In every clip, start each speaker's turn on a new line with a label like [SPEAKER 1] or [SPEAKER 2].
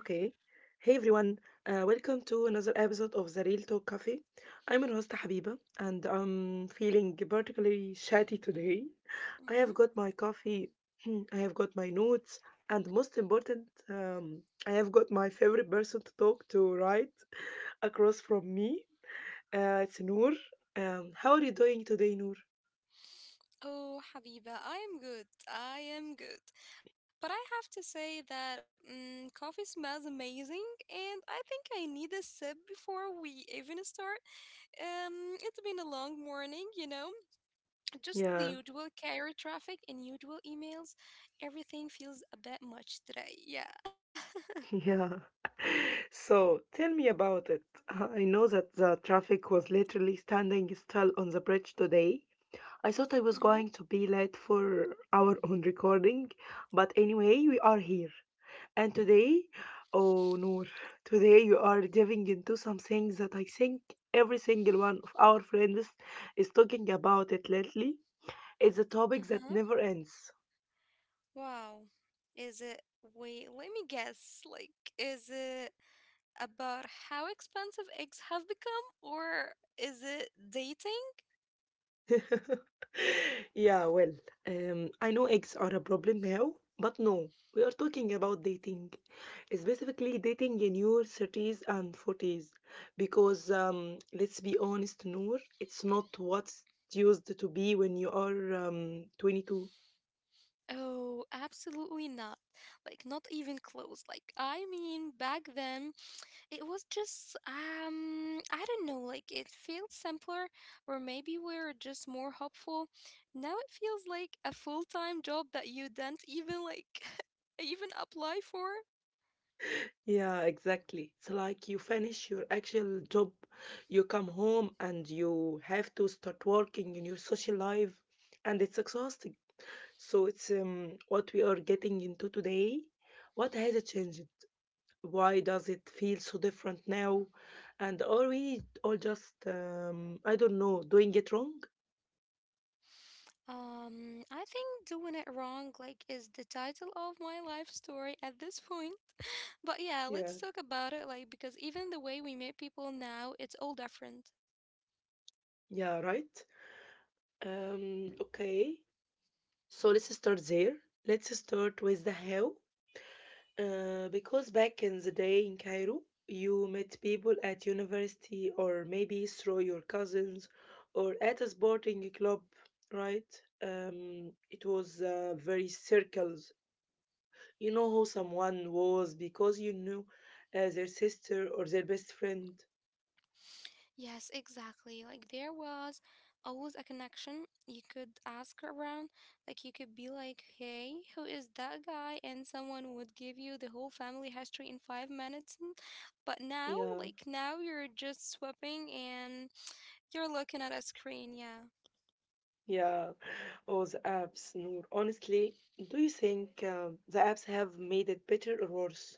[SPEAKER 1] Hey everyone. Welcome to another episode of the Real Talk Cafe. I'm your host Habiba, and I'm feeling particularly chatty today. I have got my
[SPEAKER 2] Mhm.
[SPEAKER 1] coffee, I have got my notes, and most important, I have got my favorite person to talk to right across from me. It's Noor. How are you doing today, Noor?
[SPEAKER 2] Oh, Habiba, I am good. I am good. But I have to say that coffee smells amazing, and I think I need a sip before we even start. It's been a long morning, you know, just the
[SPEAKER 1] Yeah.
[SPEAKER 2] usual carrier traffic and usual emails. Everything feels a bit much today. Yeah.
[SPEAKER 1] Yeah. So tell me about it. I know that the traffic was literally standing still on the bridge today. I thought I was
[SPEAKER 2] Mm-hmm.
[SPEAKER 1] going to be late for our own recording, but anyway, we are here. And today, oh Noor, today you are diving into something that I think every single one of our friends is talking about it lately. It's a topic that
[SPEAKER 2] Uh-huh.
[SPEAKER 1] never ends.
[SPEAKER 2] Wow. Is it, wait, let me guess. Like, is it about how expensive eggs have become, or is it dating?
[SPEAKER 1] Yeah, well, I know eggs are a problem now, but no, we are talking about dating, specifically dating in your 30s and 40s, because let's be honest, Noor, it's not what it used to be when you are 22.
[SPEAKER 2] Oh, absolutely not. Like, not even close. Like, I mean, back then, it was just, I don't know, like, it felt simpler, or maybe we were just more hopeful. Now it feels like a full time job that you didn't even, like, even apply for.
[SPEAKER 1] Yeah, exactly. It's like you finish your actual job, you come home, and you have to start working in your social life, and it's exhausting. So it's what we are getting into today. What has it changed? Why does it feel so different now? And are we all just, I don't know, doing it wrong?
[SPEAKER 2] I think doing it wrong like is the title of my life story at this point. But yeah,
[SPEAKER 1] Yeah,
[SPEAKER 2] let's talk about it like because even the way we meet people now, it's all different.
[SPEAKER 1] yeah, right. Okay, so let's start there. Let's start with the how. Because back in the day in Cairo, you met people at university, or maybe through your cousins, or at a sporting club, right? It was very circles. You know who someone was because you knew their sister or their best friend.
[SPEAKER 2] Yes, exactly. Like there was always a connection. You could ask around, like you could be like, "Hey, who is that guy?" And someone would give you the whole family history in 5 minutes. But now,
[SPEAKER 1] Yeah,
[SPEAKER 2] like now you're just swapping and you're looking at a screen, yeah.
[SPEAKER 1] yeah. Or the apps. Noor. Honestly, do you think the apps have made it better or worse?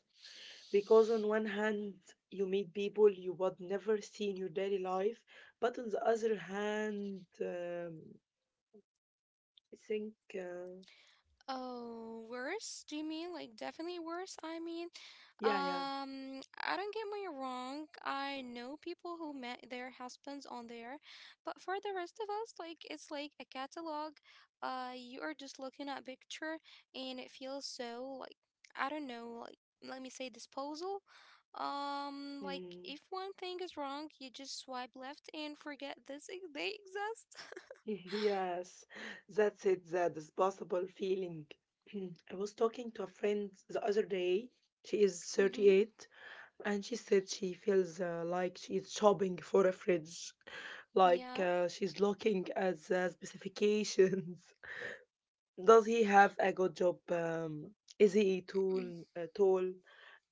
[SPEAKER 1] Because on one hand you meet people you would never see in your daily life, but on the other hand, I think
[SPEAKER 2] Oh, worse? Do you mean like definitely worse? I mean,
[SPEAKER 1] yeah, yeah.
[SPEAKER 2] I don't get me wrong. I know people who met their husbands on there, but for the rest of us, like it's like a catalog. You are just looking at picture, and it feels so like I don't know, like let me say disposal. Like
[SPEAKER 1] mm,
[SPEAKER 2] if one thing is wrong, you just swipe left and forget they exist.
[SPEAKER 1] yes, that's it. That is possible feeling. I was talking to a friend the other day. She is
[SPEAKER 2] Mm-hmm.
[SPEAKER 1] 38, and she said she feels like she is shopping for a fridge, like
[SPEAKER 2] Yeah.
[SPEAKER 1] she's looking at the specifications. Does he have a good job? Is he tall?
[SPEAKER 2] Mm.
[SPEAKER 1] Uh, tall?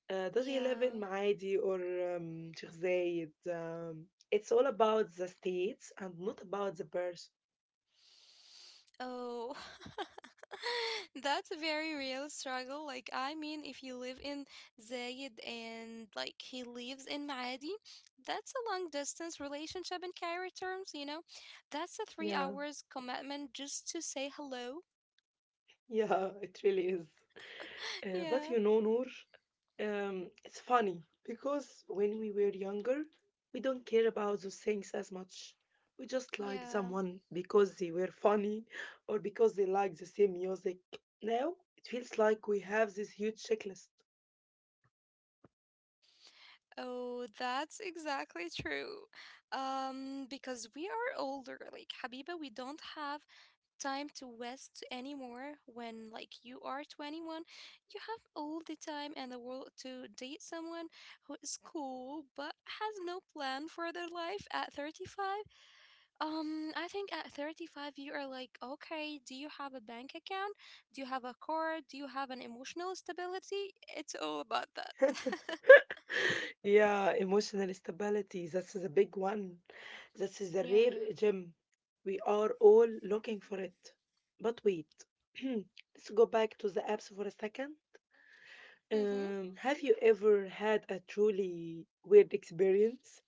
[SPEAKER 1] Does he live
[SPEAKER 2] Yeah.
[SPEAKER 1] in Maadi or Sheikh Zayed? It's all about the states and not about the person.
[SPEAKER 2] Oh, that's a very real struggle. Like, I mean, if you live in Zayed and like he lives in Maadi, that's a long distance relationship in Cairo terms, you know? That's a three
[SPEAKER 1] Yeah,
[SPEAKER 2] hours commitment just to say hello.
[SPEAKER 1] yeah, it really is. But you
[SPEAKER 2] Yeah.
[SPEAKER 1] know, Noor, it's funny because when we were younger, we don't care about those things as much. We just like
[SPEAKER 2] Yeah.
[SPEAKER 1] someone because they were funny, or because they like the same music. Now it feels like we have this huge checklist.
[SPEAKER 2] Oh, that's exactly true. Because we are older, like Habiba, we don't have time to waste anymore when like you are 21, you have all the time in the world to date someone who is cool but has no plan for their life at 35. I think at 35 you are like, okay, do you have a bank account, do you have a car, do you have an emotional stability? It's all about that.
[SPEAKER 1] Yeah, emotional stability. That's the big one. That's the rare
[SPEAKER 2] Yeah.
[SPEAKER 1] gem. We are all looking for it. But wait, let's go back to the apps for a second.
[SPEAKER 2] Mm-hmm.
[SPEAKER 1] Have you ever had a truly weird experience?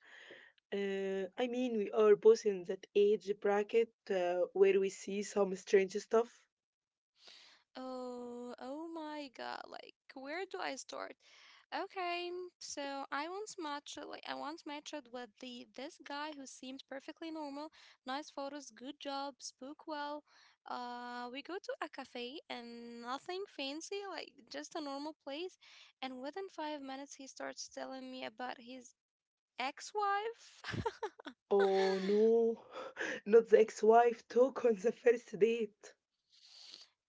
[SPEAKER 1] I mean, we are both in that age bracket where we see some strange stuff.
[SPEAKER 2] Oh, oh my God. Like, where do I start? Okay, so I once matched with the this guy who seemed perfectly normal, nice photos, good job, spoke well. We go to a cafe and nothing fancy, like just a normal place. And within 5 minutes, he starts telling me about his ex-wife.
[SPEAKER 1] Oh no, not the ex-wife talk on the first date.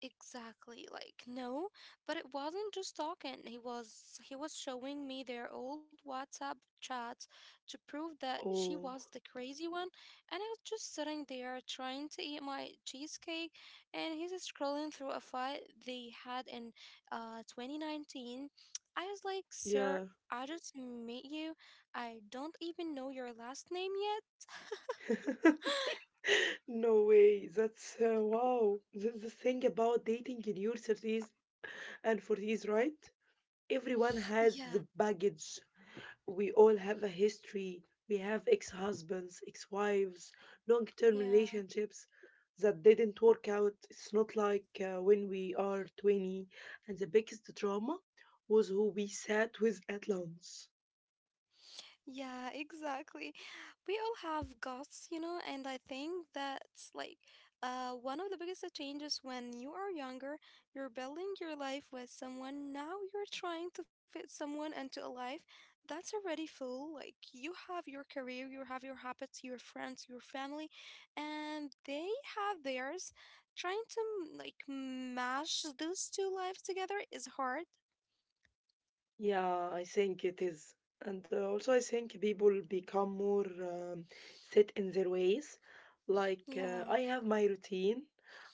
[SPEAKER 2] Exactly, like no, but it wasn't just talking. He was showing me their old WhatsApp chats to prove that she
[SPEAKER 1] Oh,
[SPEAKER 2] was the crazy one, and I was just sitting there trying to eat my cheesecake, and he's scrolling through a fight they had in 2019. I was like, "Sir,
[SPEAKER 1] yeah.
[SPEAKER 2] I just met you. I don't even know your last name yet."
[SPEAKER 1] No way. That's wow. That's the thing about dating in your 30s and 40s, right? Everyone has
[SPEAKER 2] Yeah,
[SPEAKER 1] the baggage, we all have a history. We have ex husbands, ex wives, long term
[SPEAKER 2] yeah.
[SPEAKER 1] relationships that didn't work out. It's not like when we are 20. And the biggest drama was who we sat with at lunch.
[SPEAKER 2] Yeah, exactly. We all have guts, you know, and I think that's like one of the biggest changes when you are younger. You're building your life with someone. Now you're trying to fit someone into a life that's already full. Like you have your career, you have your habits, your friends, your family, and they have theirs. Trying to like mash those two lives together is hard.
[SPEAKER 1] Yeah, I think it is. And also, I think people become more set in their ways. Like,
[SPEAKER 2] Yeah.
[SPEAKER 1] I have my routine,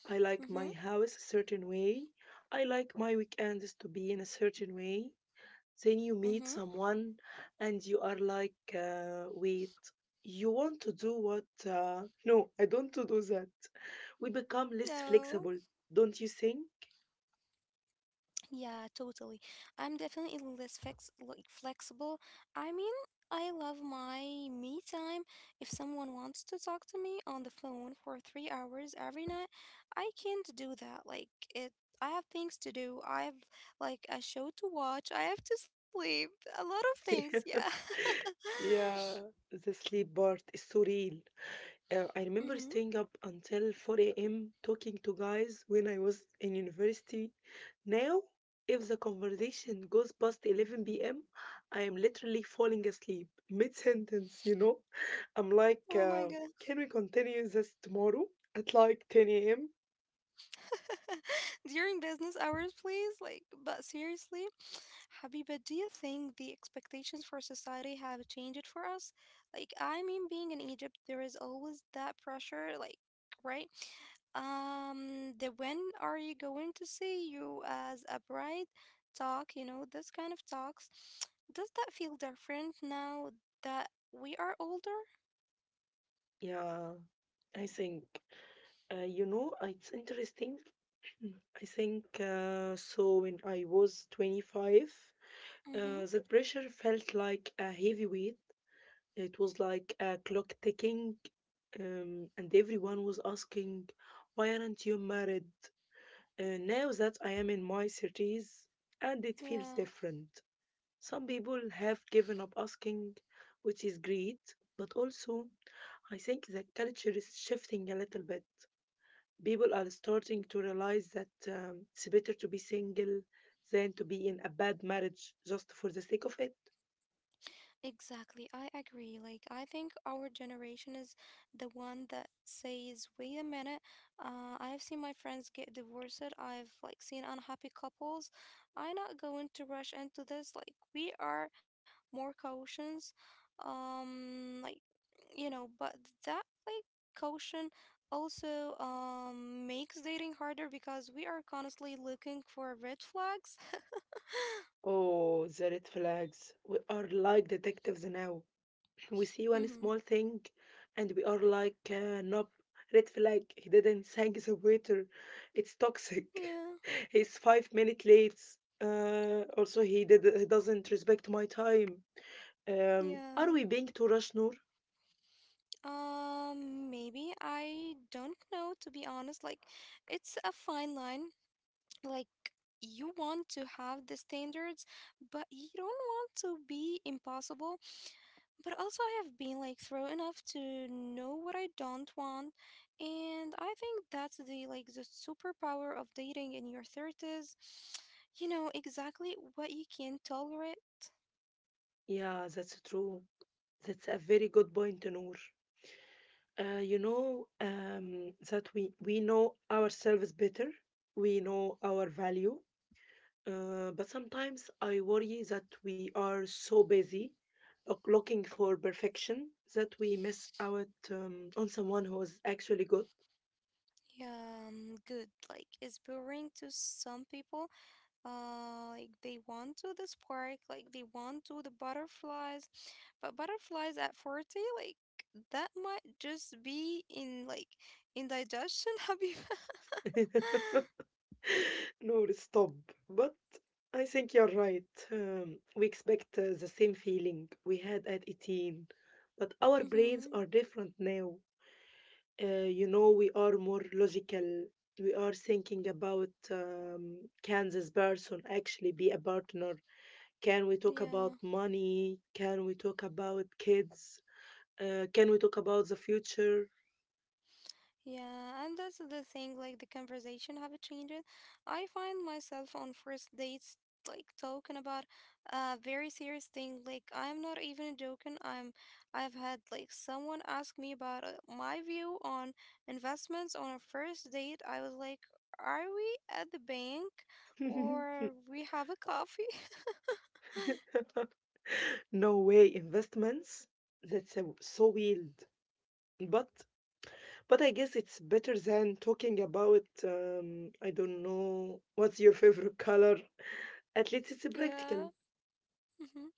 [SPEAKER 1] I like
[SPEAKER 2] Mm-hmm.
[SPEAKER 1] my house a certain way, I like my weekends to be in a certain way. Then you
[SPEAKER 2] Mm-hmm.
[SPEAKER 1] meet someone and you are like, wait, you want to do what? No, I don't to do that. We become less
[SPEAKER 2] No.
[SPEAKER 1] flexible, don't you think?
[SPEAKER 2] Yeah, totally. I'm definitely less flexible. I mean, I love my me time. If someone wants to talk to me on the phone for 3 hours every night, I can't do that. It, I have things to do. I have like a show to watch. I have to sleep. A lot of things. Yeah.
[SPEAKER 1] Yeah, the sleep part is so real. I remember
[SPEAKER 2] Mm-hmm.
[SPEAKER 1] staying up until 4 a.m. talking to guys when I was in university. Now, if the conversation goes past 11 p.m., I am literally falling asleep mid sentence, you know? I'm like,
[SPEAKER 2] Oh my God.
[SPEAKER 1] can we continue this tomorrow at like 10 a.m.?
[SPEAKER 2] During business hours, please. Like, but seriously. Habiba, do you think the expectations for society have changed for us? Like, I mean, being in Egypt, there is always that pressure, like, right? The when are you going to see you as a bride talk, you know, this kind of talks. Does that feel different now that we are older?
[SPEAKER 1] Yeah, I think. You know, it's interesting. I think so when I was 25, uh,
[SPEAKER 2] Mm-hmm.
[SPEAKER 1] that pressure felt like a heavy weight. It was like a clock ticking, and everyone was asking, why aren't you married? Now that I am in my 30s, and it feels
[SPEAKER 2] Yeah.
[SPEAKER 1] different. Some people have given up asking, which is great, but also I think the culture is shifting a little bit. People are starting to realize that it's better to be single than to be in a bad marriage just for the sake of it.
[SPEAKER 2] Exactly, I agree. Like, I think our generation is the one that says, wait a minute, I've seen my friends get divorced, I've like seen unhappy couples. I'm not going to rush into this. Like, we are more cautious. Like, you know, but that like caution also makes dating harder because we are constantly looking for red flags.
[SPEAKER 1] Oh, the red flags. We are like detectives now. We see one
[SPEAKER 2] Mm-hmm.
[SPEAKER 1] small thing, and we are like, nope, red flag, he didn't thank the waiter, it's toxic,
[SPEAKER 2] Yeah,
[SPEAKER 1] he's 5 minutes late, also he doesn't respect my time. um,
[SPEAKER 2] yeah.
[SPEAKER 1] are we being too rush, Noor?
[SPEAKER 2] Maybe I don't know to be honest. Like, it's a fine line. Like, you want to have the standards, but you don't want to be impossible. But also, I have been like through enough to know what I don't want, and I think that's the superpower of dating in your thirties. You know exactly what you can tolerate.
[SPEAKER 1] Yeah, that's true. That's a very good point, Noor. You know, that we know ourselves better, we know our value. But sometimes I worry that we are so busy looking for perfection that we miss out on someone who is actually good.
[SPEAKER 2] Yeah, good. Like, it's boring to some people like they want to the spark like they want to the butterflies, but butterflies at 40, like that might just be in like indigestion. Habiba.
[SPEAKER 1] No, stop. But I think you're right. We expect the same feeling we had at 18, but our brains
[SPEAKER 2] Mm-hmm.
[SPEAKER 1] are different now. You know, we are more logical. We are thinking about, can this person actually be a partner? Can we talk about
[SPEAKER 2] Yeah.
[SPEAKER 1] money? Can we talk about kids? Can we talk about the future?
[SPEAKER 2] Yeah, and that's the thing, like the conversation have changed. I find myself on first dates like talking about a very serious thing. Like I'm not even joking. I've had like someone ask me about my view on investments on a first date. I was like, "Are we at the bank or we have a coffee?"
[SPEAKER 1] No way, investments? So weird. But But I guess it's better than talking about, I don't know, what's your favorite color? At least it's
[SPEAKER 2] Yeah.
[SPEAKER 1] practical.
[SPEAKER 2] Mm-hmm.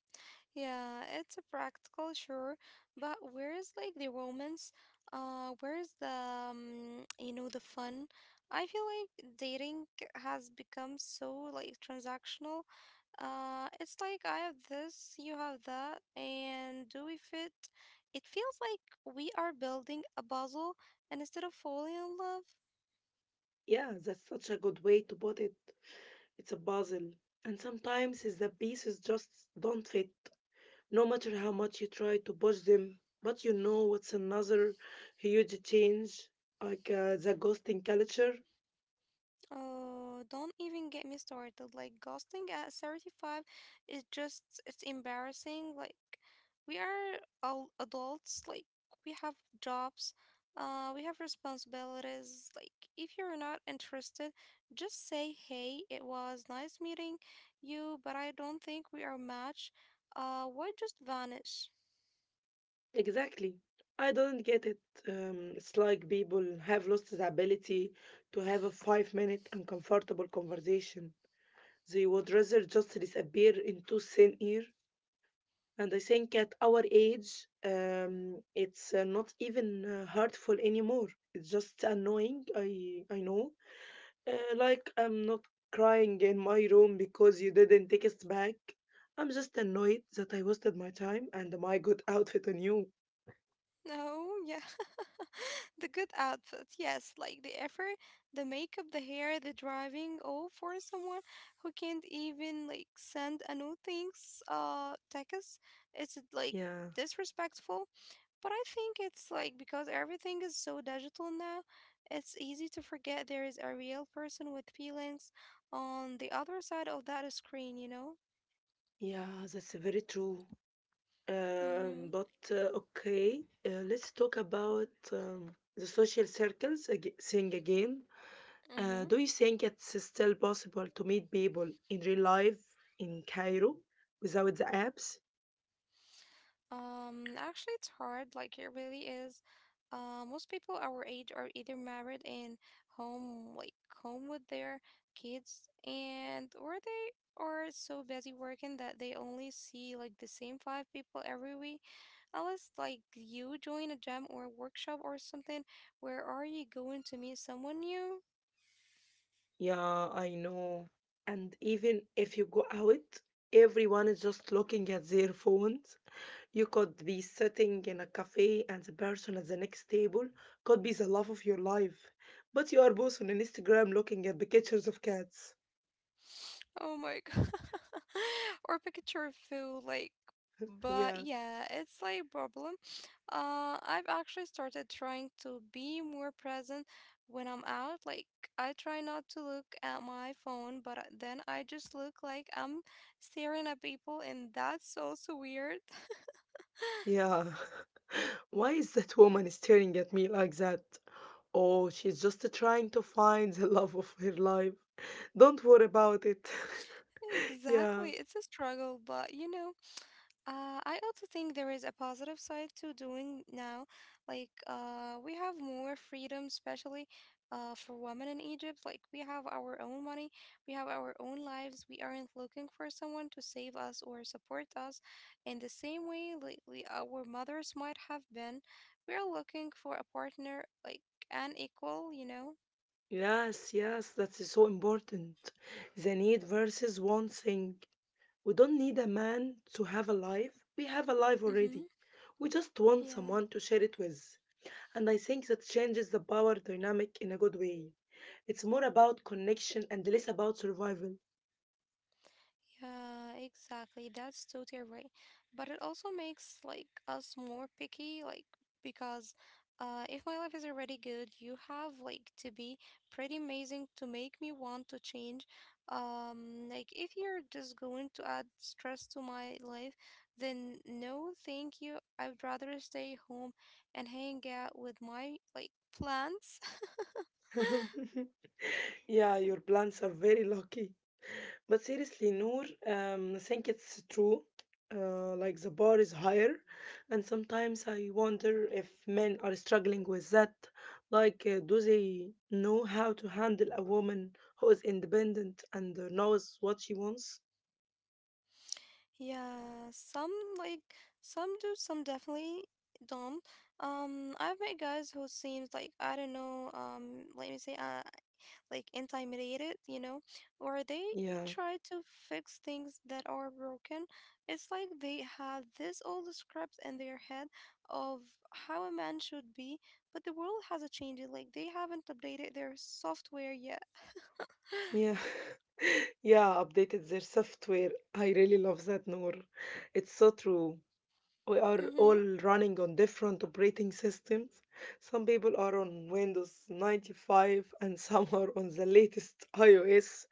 [SPEAKER 2] Yeah, it's a practical, sure, but where is like the romance? Where is the you know the fun? I feel like dating has become so like transactional. It's like I have this, you have that, and do we fit? It feels like we are building a puzzle and instead of falling in love.
[SPEAKER 1] Yeah, that's such a good way to put it. It's a puzzle. And sometimes it's the pieces just don't fit, no matter how much you try to push them. But you know what's another huge change? The ghosting culture.
[SPEAKER 2] Oh, don't even get me started. Like ghosting at 35 is just it's embarrassing. Like we are all adults, like we have jobs, we have responsibilities. Like if you're not interested, just say, "Hey, it was nice meeting you, but I don't think we are match." Why just vanish?
[SPEAKER 1] Exactly. I don't get it. It's like people have lost the ability to have a 5 minute uncomfortable conversation. They would rather just disappear into thin air. And I think at our age, it's not even hurtful anymore. It's just annoying. I know. Like I'm not crying in my room because you didn't text back. I'm just annoyed that I wasted my time and my good outfit on you.
[SPEAKER 2] No, yeah. The good outfit, yes, like the effort, the makeup, the hair, the driving, all for someone who can't even like send a new Thanks, text. It's like
[SPEAKER 1] Yeah,
[SPEAKER 2] disrespectful. But I think it's like because everything is so digital now, it's easy to forget there is a real person with feelings on the other side of that screen, you know?
[SPEAKER 1] yeah, that's very true.
[SPEAKER 2] Mm-hmm.
[SPEAKER 1] Um, but uh, okay, let's talk about the social circles thing again. Uh,
[SPEAKER 2] Mm-hmm.
[SPEAKER 1] do you think it's still possible to meet people in real life in Cairo without the apps?
[SPEAKER 2] Actually, it's hard. Like, it really is. Most people our age are either married and home, like home with their kids, and or they are so busy working that they only see like the same five people every week. Unless like you join a gym or workshop or something, where are you going to meet someone new?
[SPEAKER 1] Yeah, I know. And even if you go out, everyone is just looking at their phones. You could be sitting in a cafe, and the person at the next table could be the love of your life. But you are both on Instagram looking at the pictures of cats.
[SPEAKER 2] Oh my god. Or picture of food like but
[SPEAKER 1] Yeah.
[SPEAKER 2] yeah, it's like a problem. I've actually started trying to be more present when I'm out. Like I try not to look at my phone, but then I just look like I'm staring at people and that's also weird.
[SPEAKER 1] Yeah. Why is that woman staring at me like that? Oh, she's just trying to find the love of her life. Don't worry about it. Yeah.
[SPEAKER 2] Exactly. It's a struggle, but you know. I also think there is a positive side to doing now. Like, we have more freedom, especially for women in Egypt. Like, we have our own money, we have our own lives. We aren't looking for someone to save us or support us in the same way lately our mothers might have been. We are looking for a partner, like an equal, you know?
[SPEAKER 1] Yes, yes, that is so important. The need versus one thing. We don't need a man to have a life. We have a life
[SPEAKER 2] Mm-hmm.
[SPEAKER 1] already. We just want
[SPEAKER 2] Yeah.
[SPEAKER 1] someone to share it with. And I think that changes the power dynamic in a good way. It's more about connection and less about survival.
[SPEAKER 2] Yeah, exactly. That's totally right. But it also makes like us more picky, like because if my life is already good, you have like to be pretty amazing to make me want to change. Like if you're just going to add stress to my life, then no, thank you. I'd rather stay home and hang out with my like plants.
[SPEAKER 1] Yeah, your plants are very lucky. But seriously, Noor, I think it's true. Like the bar is higher, and sometimes I wonder if men are struggling with that. Like, do they know how to handle a woman who is independent and knows what she wants?
[SPEAKER 2] Yeah, some like some do, some definitely don't. I've met guys who seems like I don't know, let me say, like intimidated, you know, or they
[SPEAKER 1] Yeah,
[SPEAKER 2] try to fix things that are broken. It's like they had this old script in their head of how a man should be, but the world hasn't changed it. Like they haven't updated their software yet.
[SPEAKER 1] yeah, yeah. Updated their software. I really love that, Noor. It's so true. We are all
[SPEAKER 2] Mm-hmm.
[SPEAKER 1] running on different operating systems. Some people are on Windows 95 and some are on the latest iOS,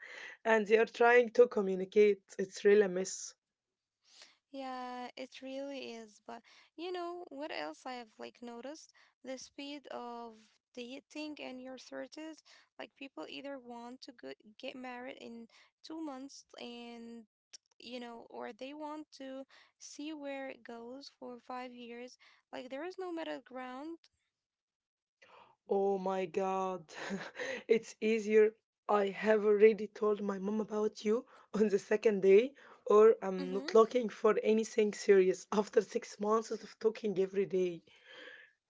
[SPEAKER 1] and they are trying to communicate. It's really a mess.
[SPEAKER 2] Yeah, it really is. But you know what else I have like noticed? The speed of dating in your 30s. Like people either want to go get married in 2 months and you know, or they want to see where it goes for 5 years. Like there is no middle ground.
[SPEAKER 1] Oh my god, it's easier. I have already told my mom about you on the second day, or I'm not
[SPEAKER 2] Mm-hmm.
[SPEAKER 1] looking for anything serious after 6 months of talking every day.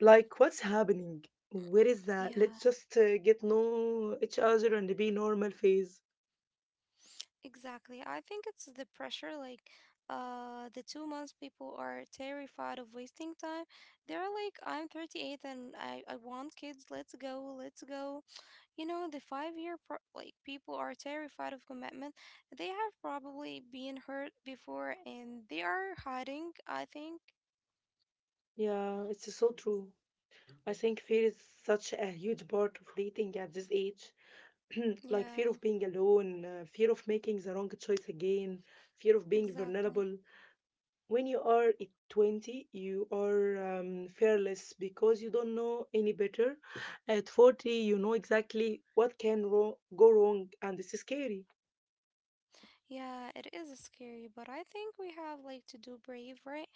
[SPEAKER 1] Like, what's happening? Where is that? Let's
[SPEAKER 2] Yeah.
[SPEAKER 1] just get know each other and be normal phase.
[SPEAKER 2] Exactly. I think it's the pressure, like the two months people are terrified of wasting time. They're like, I'm 38 and I want kids, let's go, let's go. You know, the like people are terrified of commitment. They have probably been hurt before and they are hiding, I think.
[SPEAKER 1] Yeah, it's so true. I think fear is such a huge part of dating at this age. Like fear
[SPEAKER 2] Yeah,
[SPEAKER 1] of being alone, fear of making the wrong choice again, fear of being
[SPEAKER 2] exactly.
[SPEAKER 1] vulnerable. When you are at 20, you are fearless because you don't know any better. At 40, you know exactly what can go wrong, and it's scary.
[SPEAKER 2] Yeah, it is scary, but I think we have like to do brave, right?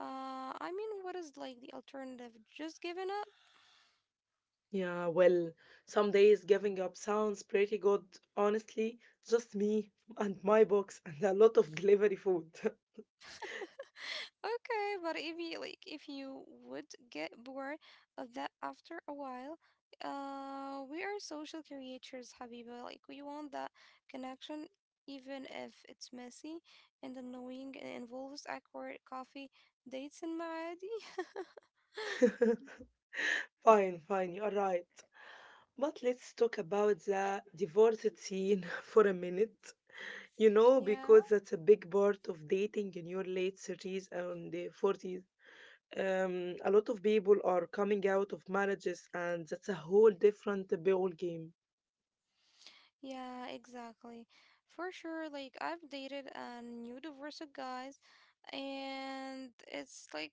[SPEAKER 2] I mean, what is like the alternative? Just giving up?
[SPEAKER 1] Yeah, well, some days giving up sounds pretty good, honestly. Just me and my box and a lot of delivery food.
[SPEAKER 2] Okay, but if you would get bored of that after a while, we are social creatures, Habiba. Like, we want that connection, even if it's messy and annoying and involves awkward coffee dates and Maadi.
[SPEAKER 1] Fine, fine, you're right. But let's talk about the divorced scene for a minute. You know,
[SPEAKER 2] Yeah.
[SPEAKER 1] because that's a big part of dating in your late 30s and the 40s. A lot of people are coming out of marriages, and that's a whole different ball game.
[SPEAKER 2] Yeah, exactly. For sure, like I've dated a new divorced guys, and it's like,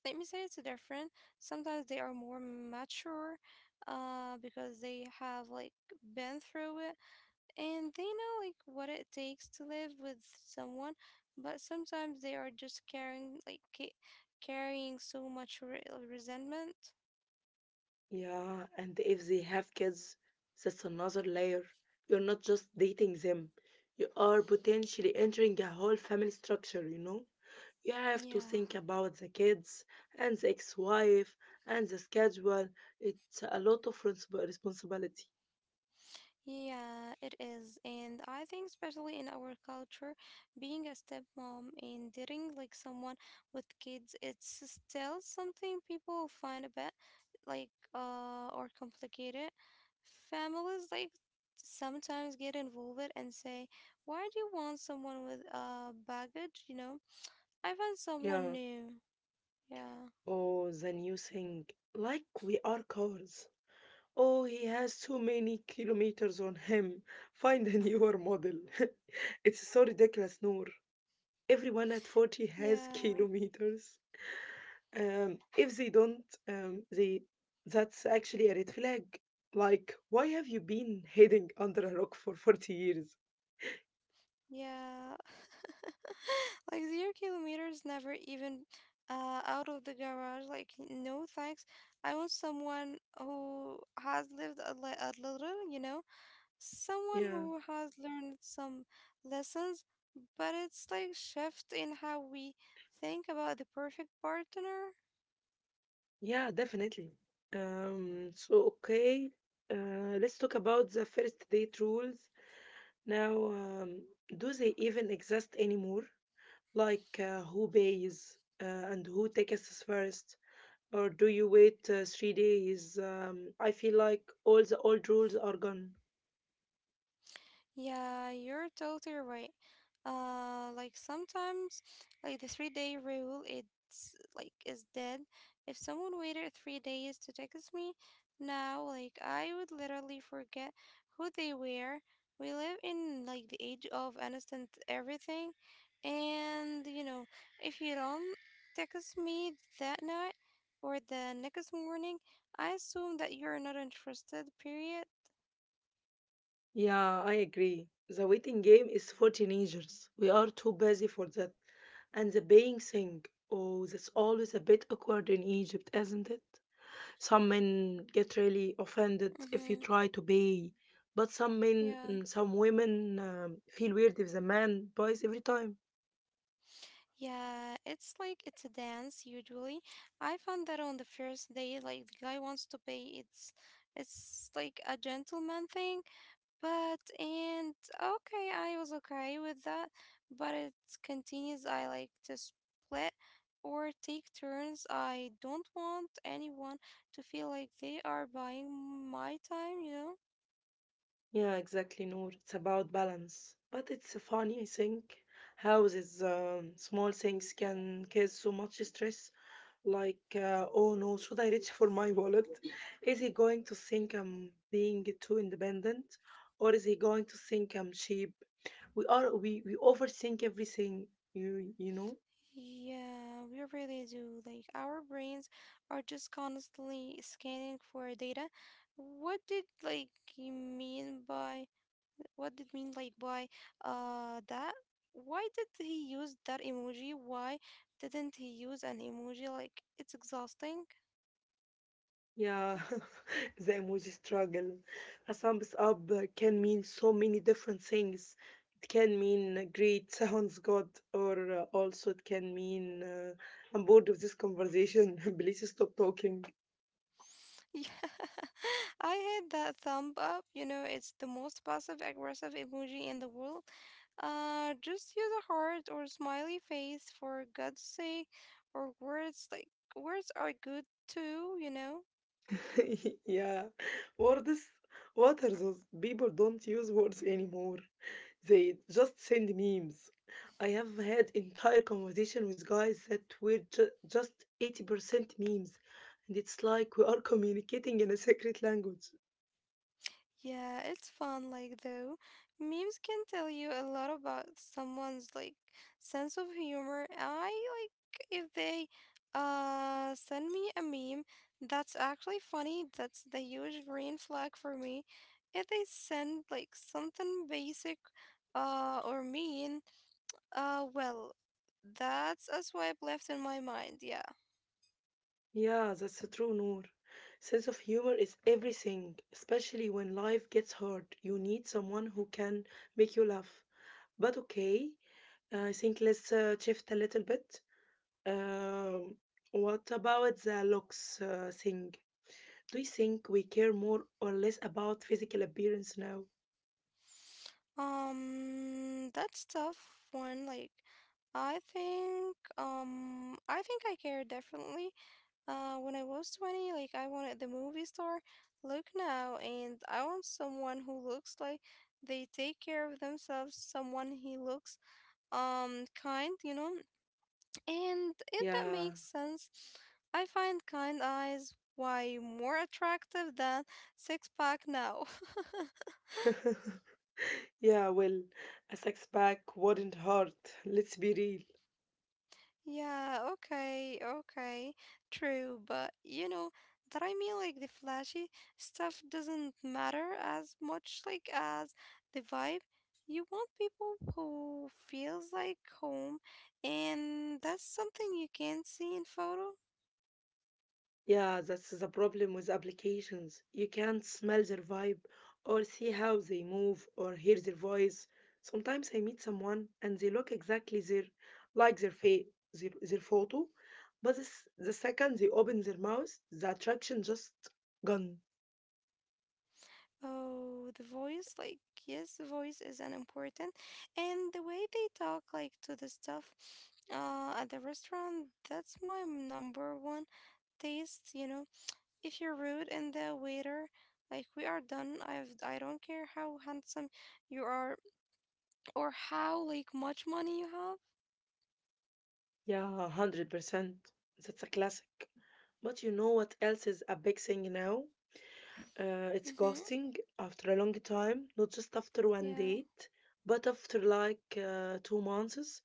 [SPEAKER 2] let me say, it's different. Sometimes they are more mature because they have like been through it and they know like what it takes to live with someone, but sometimes they are just carrying like carrying so much resentment.
[SPEAKER 1] Yeah, and if they have kids, that's another layer. You're not just dating them, you are potentially entering a whole family structure, you know? You have to
[SPEAKER 2] Yeah.
[SPEAKER 1] think about the kids and the ex wife and the schedule. It's a lot of responsibility.
[SPEAKER 2] Yeah, it is. And I think especially in our culture, being a stepmom and dating like someone with kids, it's still something people find a bit like or complicated. Families like sometimes get involved and say, why do you want someone with baggage, you know? I found someone
[SPEAKER 1] Yeah.
[SPEAKER 2] new. Yeah.
[SPEAKER 1] Oh, the new thing. Like we are cars. Oh, he has too many kilometers on him. Find a newer model. It's so ridiculous, Noor. Everyone at 40 has
[SPEAKER 2] Yeah.
[SPEAKER 1] kilometers. If they don't, they that's actually a red flag. Like, why have you been hiding under a rock for 40 years?
[SPEAKER 2] Yeah. Like zero kilometers, never even out of the garage. Like, no thanks. I want someone who has lived a little, you know, someone
[SPEAKER 1] Yeah,
[SPEAKER 2] who has learned some lessons, but it's like shift in how we think about the perfect partner.
[SPEAKER 1] yeah, definitely. So okay, let's talk about the first date rules. Now, do they even exist anymore? Like, who pays, and who takes us first? Or do you wait 3 days? I feel like all the old rules are gone.
[SPEAKER 2] Yeah, you're totally right. Like sometimes, like the 3-day rule, it's like is dead. If someone waited three days to text me now, like I would literally forget who they were. We live in like the age of instant everything, and you know, if you don't text me that night or the next morning, I assume that you're not interested. Period.
[SPEAKER 1] Yeah, I agree. The waiting game is for teenagers. We are too busy for that. And the paying thing. Oh, that's always a bit awkward in Egypt, isn't it? Some men get really offended if you
[SPEAKER 2] Mm-hmm.
[SPEAKER 1] try to pay, but some men,
[SPEAKER 2] Yeah.
[SPEAKER 1] some women feel weird if the man buys every time.
[SPEAKER 2] Yeah, it's like it's a dance usually. I found that on the first day, like the guy wants to pay. It's like a gentleman thing, but and okay, I was okay with that, but it continues. I like to split or take turns. I don't want anyone to feel like they are buying my time, you know?
[SPEAKER 1] Yeah, exactly, Noor. It's about balance. But it's funny, I think, how these small things can cause so much stress. Like, oh no, should I reach for my wallet? Is he going to think I'm being too independent? Or is he going to think I'm cheap? We overthink everything, you know?
[SPEAKER 2] Yeah, we really do. Like, our brains are just constantly scanning for data. What did you mean by what did mean like by that? Why did he use that emoji? Why didn't he use an emoji? Like, it's exhausting.
[SPEAKER 1] Yeah, the emoji struggle. A thumbs up can mean so many different things. It can mean, great, sounds good, or also it can mean, I'm bored of this conversation. Please stop talking.
[SPEAKER 2] Yeah, I had that thumb up. You know, it's the most passive aggressive emoji in the world. Just use a heart or smiley face for God's sake, or words like, words are good too, you know?
[SPEAKER 1] Yeah, words. What are those? People don't use words anymore. They just send memes. I have had entire conversation with guys that were just 80% memes, and it's like we are communicating in a secret language.
[SPEAKER 2] Yeah, it's fun, like, though. Memes can tell you a lot about someone's, like, sense of humor. I like if they send me a meme that's actually funny, that's the huge green flag for me. If they send, like, something basic or mean, well, that's a swipe left in my mind. Yeah.
[SPEAKER 1] Yeah, that's true, Noor. Sense of humor is everything, especially when life gets hard. You need someone who can make you laugh. But okay, I think let's, shift a little bit. Um, what about the looks, thing? Do you think we care more or less about physical appearance now?
[SPEAKER 2] That's tough one. Like, I think I care definitely. When I was 20, like, I wanted the movie star look now, and I want someone who looks like they take care of themselves, someone he looks, kind, you know? And if that
[SPEAKER 1] Yeah.
[SPEAKER 2] makes sense, I find kind eyes way more attractive than six pack now.
[SPEAKER 1] Yeah, well, a six pack wouldn't hurt, let's be real.
[SPEAKER 2] Yeah, okay, okay. True, but you know that I mean like the flashy stuff doesn't matter as much like as the vibe. You want people who feels like home, and that's something you can't see in photo.
[SPEAKER 1] Yeah, that's the problem with applications. You can't smell their vibe or see how they move or hear their voice. Sometimes I meet someone and they look exactly their face, their photo, but the second they open their mouth, the attraction just gone.
[SPEAKER 2] Oh, the voice, like, yes, the voice is an important, and the way they talk like to the stuff at the restaurant, that's my number one taste, you know. If you're rude and the waiter, like we are done. I don't care how handsome you are or how like much money you have.
[SPEAKER 1] Yeah, 100%. That's a classic. But you know what else is a big thing now? It's
[SPEAKER 2] Mm-hmm.
[SPEAKER 1] ghosting after a long time, not just after one
[SPEAKER 2] Yeah.
[SPEAKER 1] date, but after like, 2 months.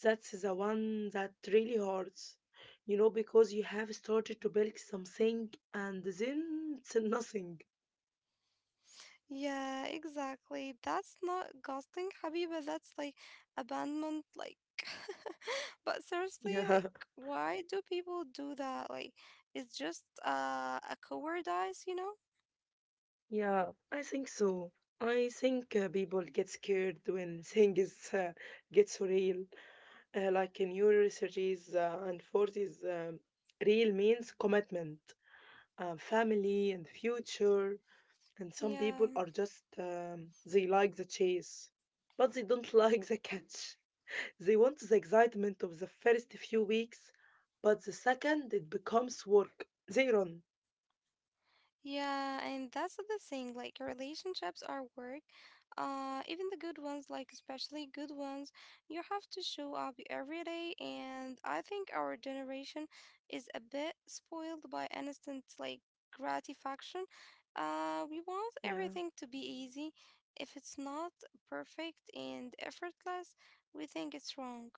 [SPEAKER 1] That's the one that really hurts. You know, because you have started to build something and then it's nothing.
[SPEAKER 2] Yeah, exactly. That's not ghosting, Habiba. That's like abandonment. Like, but seriously,
[SPEAKER 1] Yeah,
[SPEAKER 2] like, why do people do that? Like, it's just a coward eyes, you know?
[SPEAKER 1] yeah, I think so. I think, people get scared when things, get so real. Like in your researches, and 40s, real means commitment, family, and future. And some people
[SPEAKER 2] Yeah.
[SPEAKER 1] are just, they like the chase, but they don't like the catch. They want the excitement of the first few weeks, but the second it becomes work, they run.
[SPEAKER 2] Yeah, and that's the thing, like relationships are work. Even the good ones, like especially good ones, you have to show up every day. And I think our generation is a bit spoiled by instant like gratification. We want
[SPEAKER 1] Yeah.
[SPEAKER 2] everything to be easy. If it's not perfect and effortless, we think it's wrong.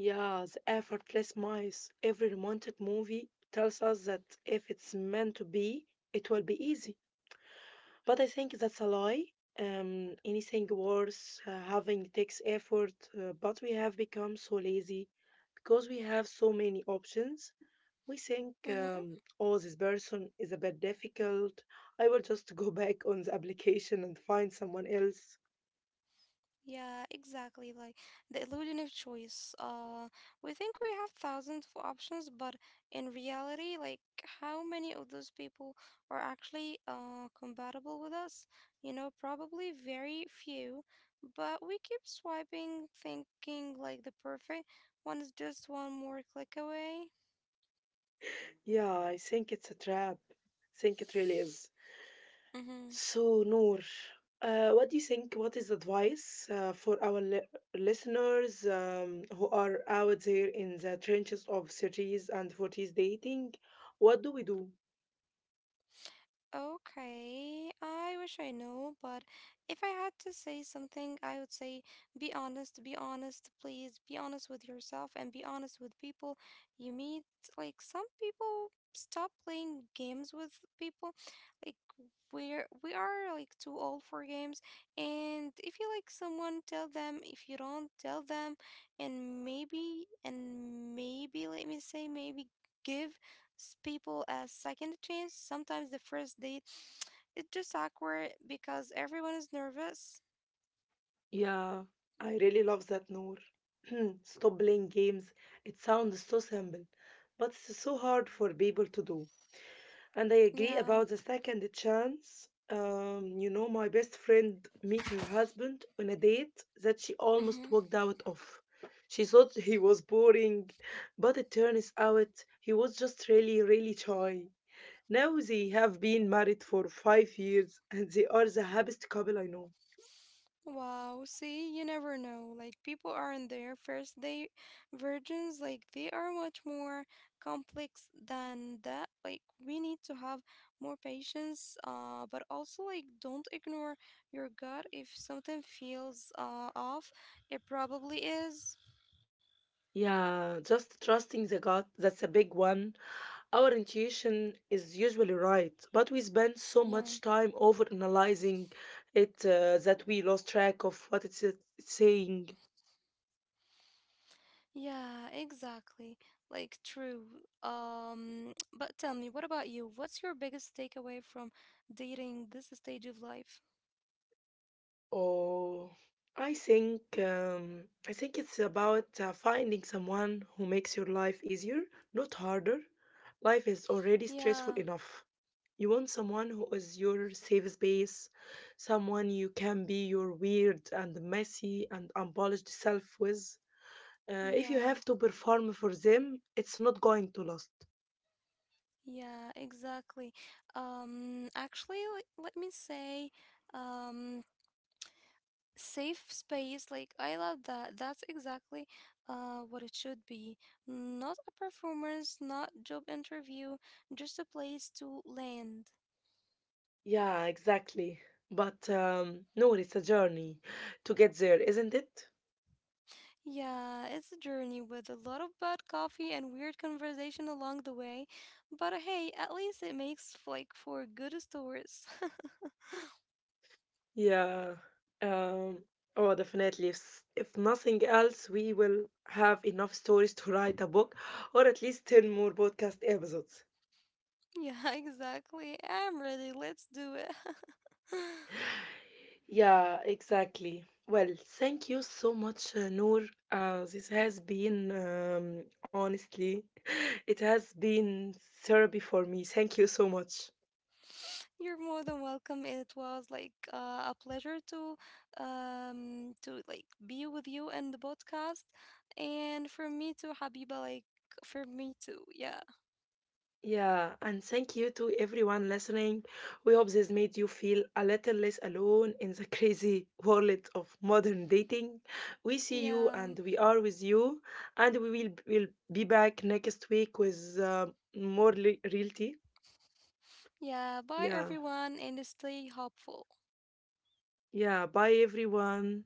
[SPEAKER 1] Yeah, the effortless mice. Every romantic movie tells us that if it's meant to be, it will be easy. But I think that's a lie. Anything worth, having takes effort, but we have become so lazy because we have so many options. We think,
[SPEAKER 2] Mm-hmm.
[SPEAKER 1] oh, this person is a bit difficult. I will just go back on the application and find someone else.
[SPEAKER 2] Yeah, exactly. Like the illusion of choice. We think we have thousands of options, but in reality, like how many of those people are actually compatible with us? You know, probably very few. But we keep swiping, thinking like the perfect one is just one more click away.
[SPEAKER 1] Yeah, I think it's a trap. I think it really is.
[SPEAKER 2] Mm-hmm.
[SPEAKER 1] So, Noor, what do you think? What is advice, for our listeners, who are out there in the trenches of 30s and 40s dating? What do we do?
[SPEAKER 2] Okay, I wish I know, but if I had to say something, I would say be honest, please, be honest with yourself and be honest with people you meet. Like, some people stop playing games with people. Like, we are like too old for games, and if you like someone, tell them. If you don't, tell them, and maybe, let me say, maybe give people as second chance. Sometimes the first date, it's just awkward because everyone is nervous.
[SPEAKER 1] Yeah, I really love that, Noor. Stop playing games. It sounds so simple, but it's so hard for people to do. And I agree
[SPEAKER 2] Yeah.
[SPEAKER 1] about the second chance. You know, my best friend met her husband on a date that she almost
[SPEAKER 2] Hmm.
[SPEAKER 1] walked out of. She thought he was boring, but it turns out he was just really, really shy. Now they have been married for 5 years and they are the happiest couple I know.
[SPEAKER 2] Wow. See, you never know. Like people are in their first date virgins. Like they are much more complex than that. Like we need to have more patience. But also like don't ignore your gut. If something feels off, it probably is.
[SPEAKER 1] Yeah, just trusting the gut, that's a big one. Our intuition is usually right, but we spend so
[SPEAKER 2] Yeah.
[SPEAKER 1] much time over analyzing it, that we lost track of what it's, saying.
[SPEAKER 2] Yeah, exactly. Like, true. But tell me, what about you? What's your biggest takeaway from dating this stage of life?
[SPEAKER 1] Oh, I think, it's about, finding someone who makes your life easier, not harder. Life is already
[SPEAKER 2] Yeah,
[SPEAKER 1] stressful enough. You want someone who is your safe space, someone you can be your weird and messy and unpolished self with. If you
[SPEAKER 2] yeah,
[SPEAKER 1] have to perform for them, it's not going to last.
[SPEAKER 2] yeah, exactly. Um, actually, let me say, um, safe space. Like, I love that. That's exactly what it should be. Not a performance, not job interview, just a place to land.
[SPEAKER 1] Yeah, exactly. But no, it's a journey to get there, isn't it?
[SPEAKER 2] Yeah, it's a journey with a lot of bad coffee and weird conversation along the way. But hey, at least it makes for good stories.
[SPEAKER 1] Yeah. Um, oh, definitely. If nothing else, we will have enough stories to write a book or at least 10 more podcast episodes.
[SPEAKER 2] Yeah, exactly. I'm ready. Let's do it.
[SPEAKER 1] Yeah, exactly. Well, thank you so much, Noor. This has been, honestly, it has been therapy for me. Thank you so much.
[SPEAKER 2] You're more than welcome. It was like a pleasure to be with you in the podcast, and for me too, Habiba. Like for me too. Yeah,
[SPEAKER 1] Yeah, and thank you to everyone listening. We hope this made you feel a little less alone in the crazy world of modern dating. We see you
[SPEAKER 2] yeah,
[SPEAKER 1] and we are with you, and will be back next week with, more reality.
[SPEAKER 2] yeah. Bye
[SPEAKER 1] Yeah,
[SPEAKER 2] everyone, and stay hopeful.
[SPEAKER 1] yeah, bye everyone.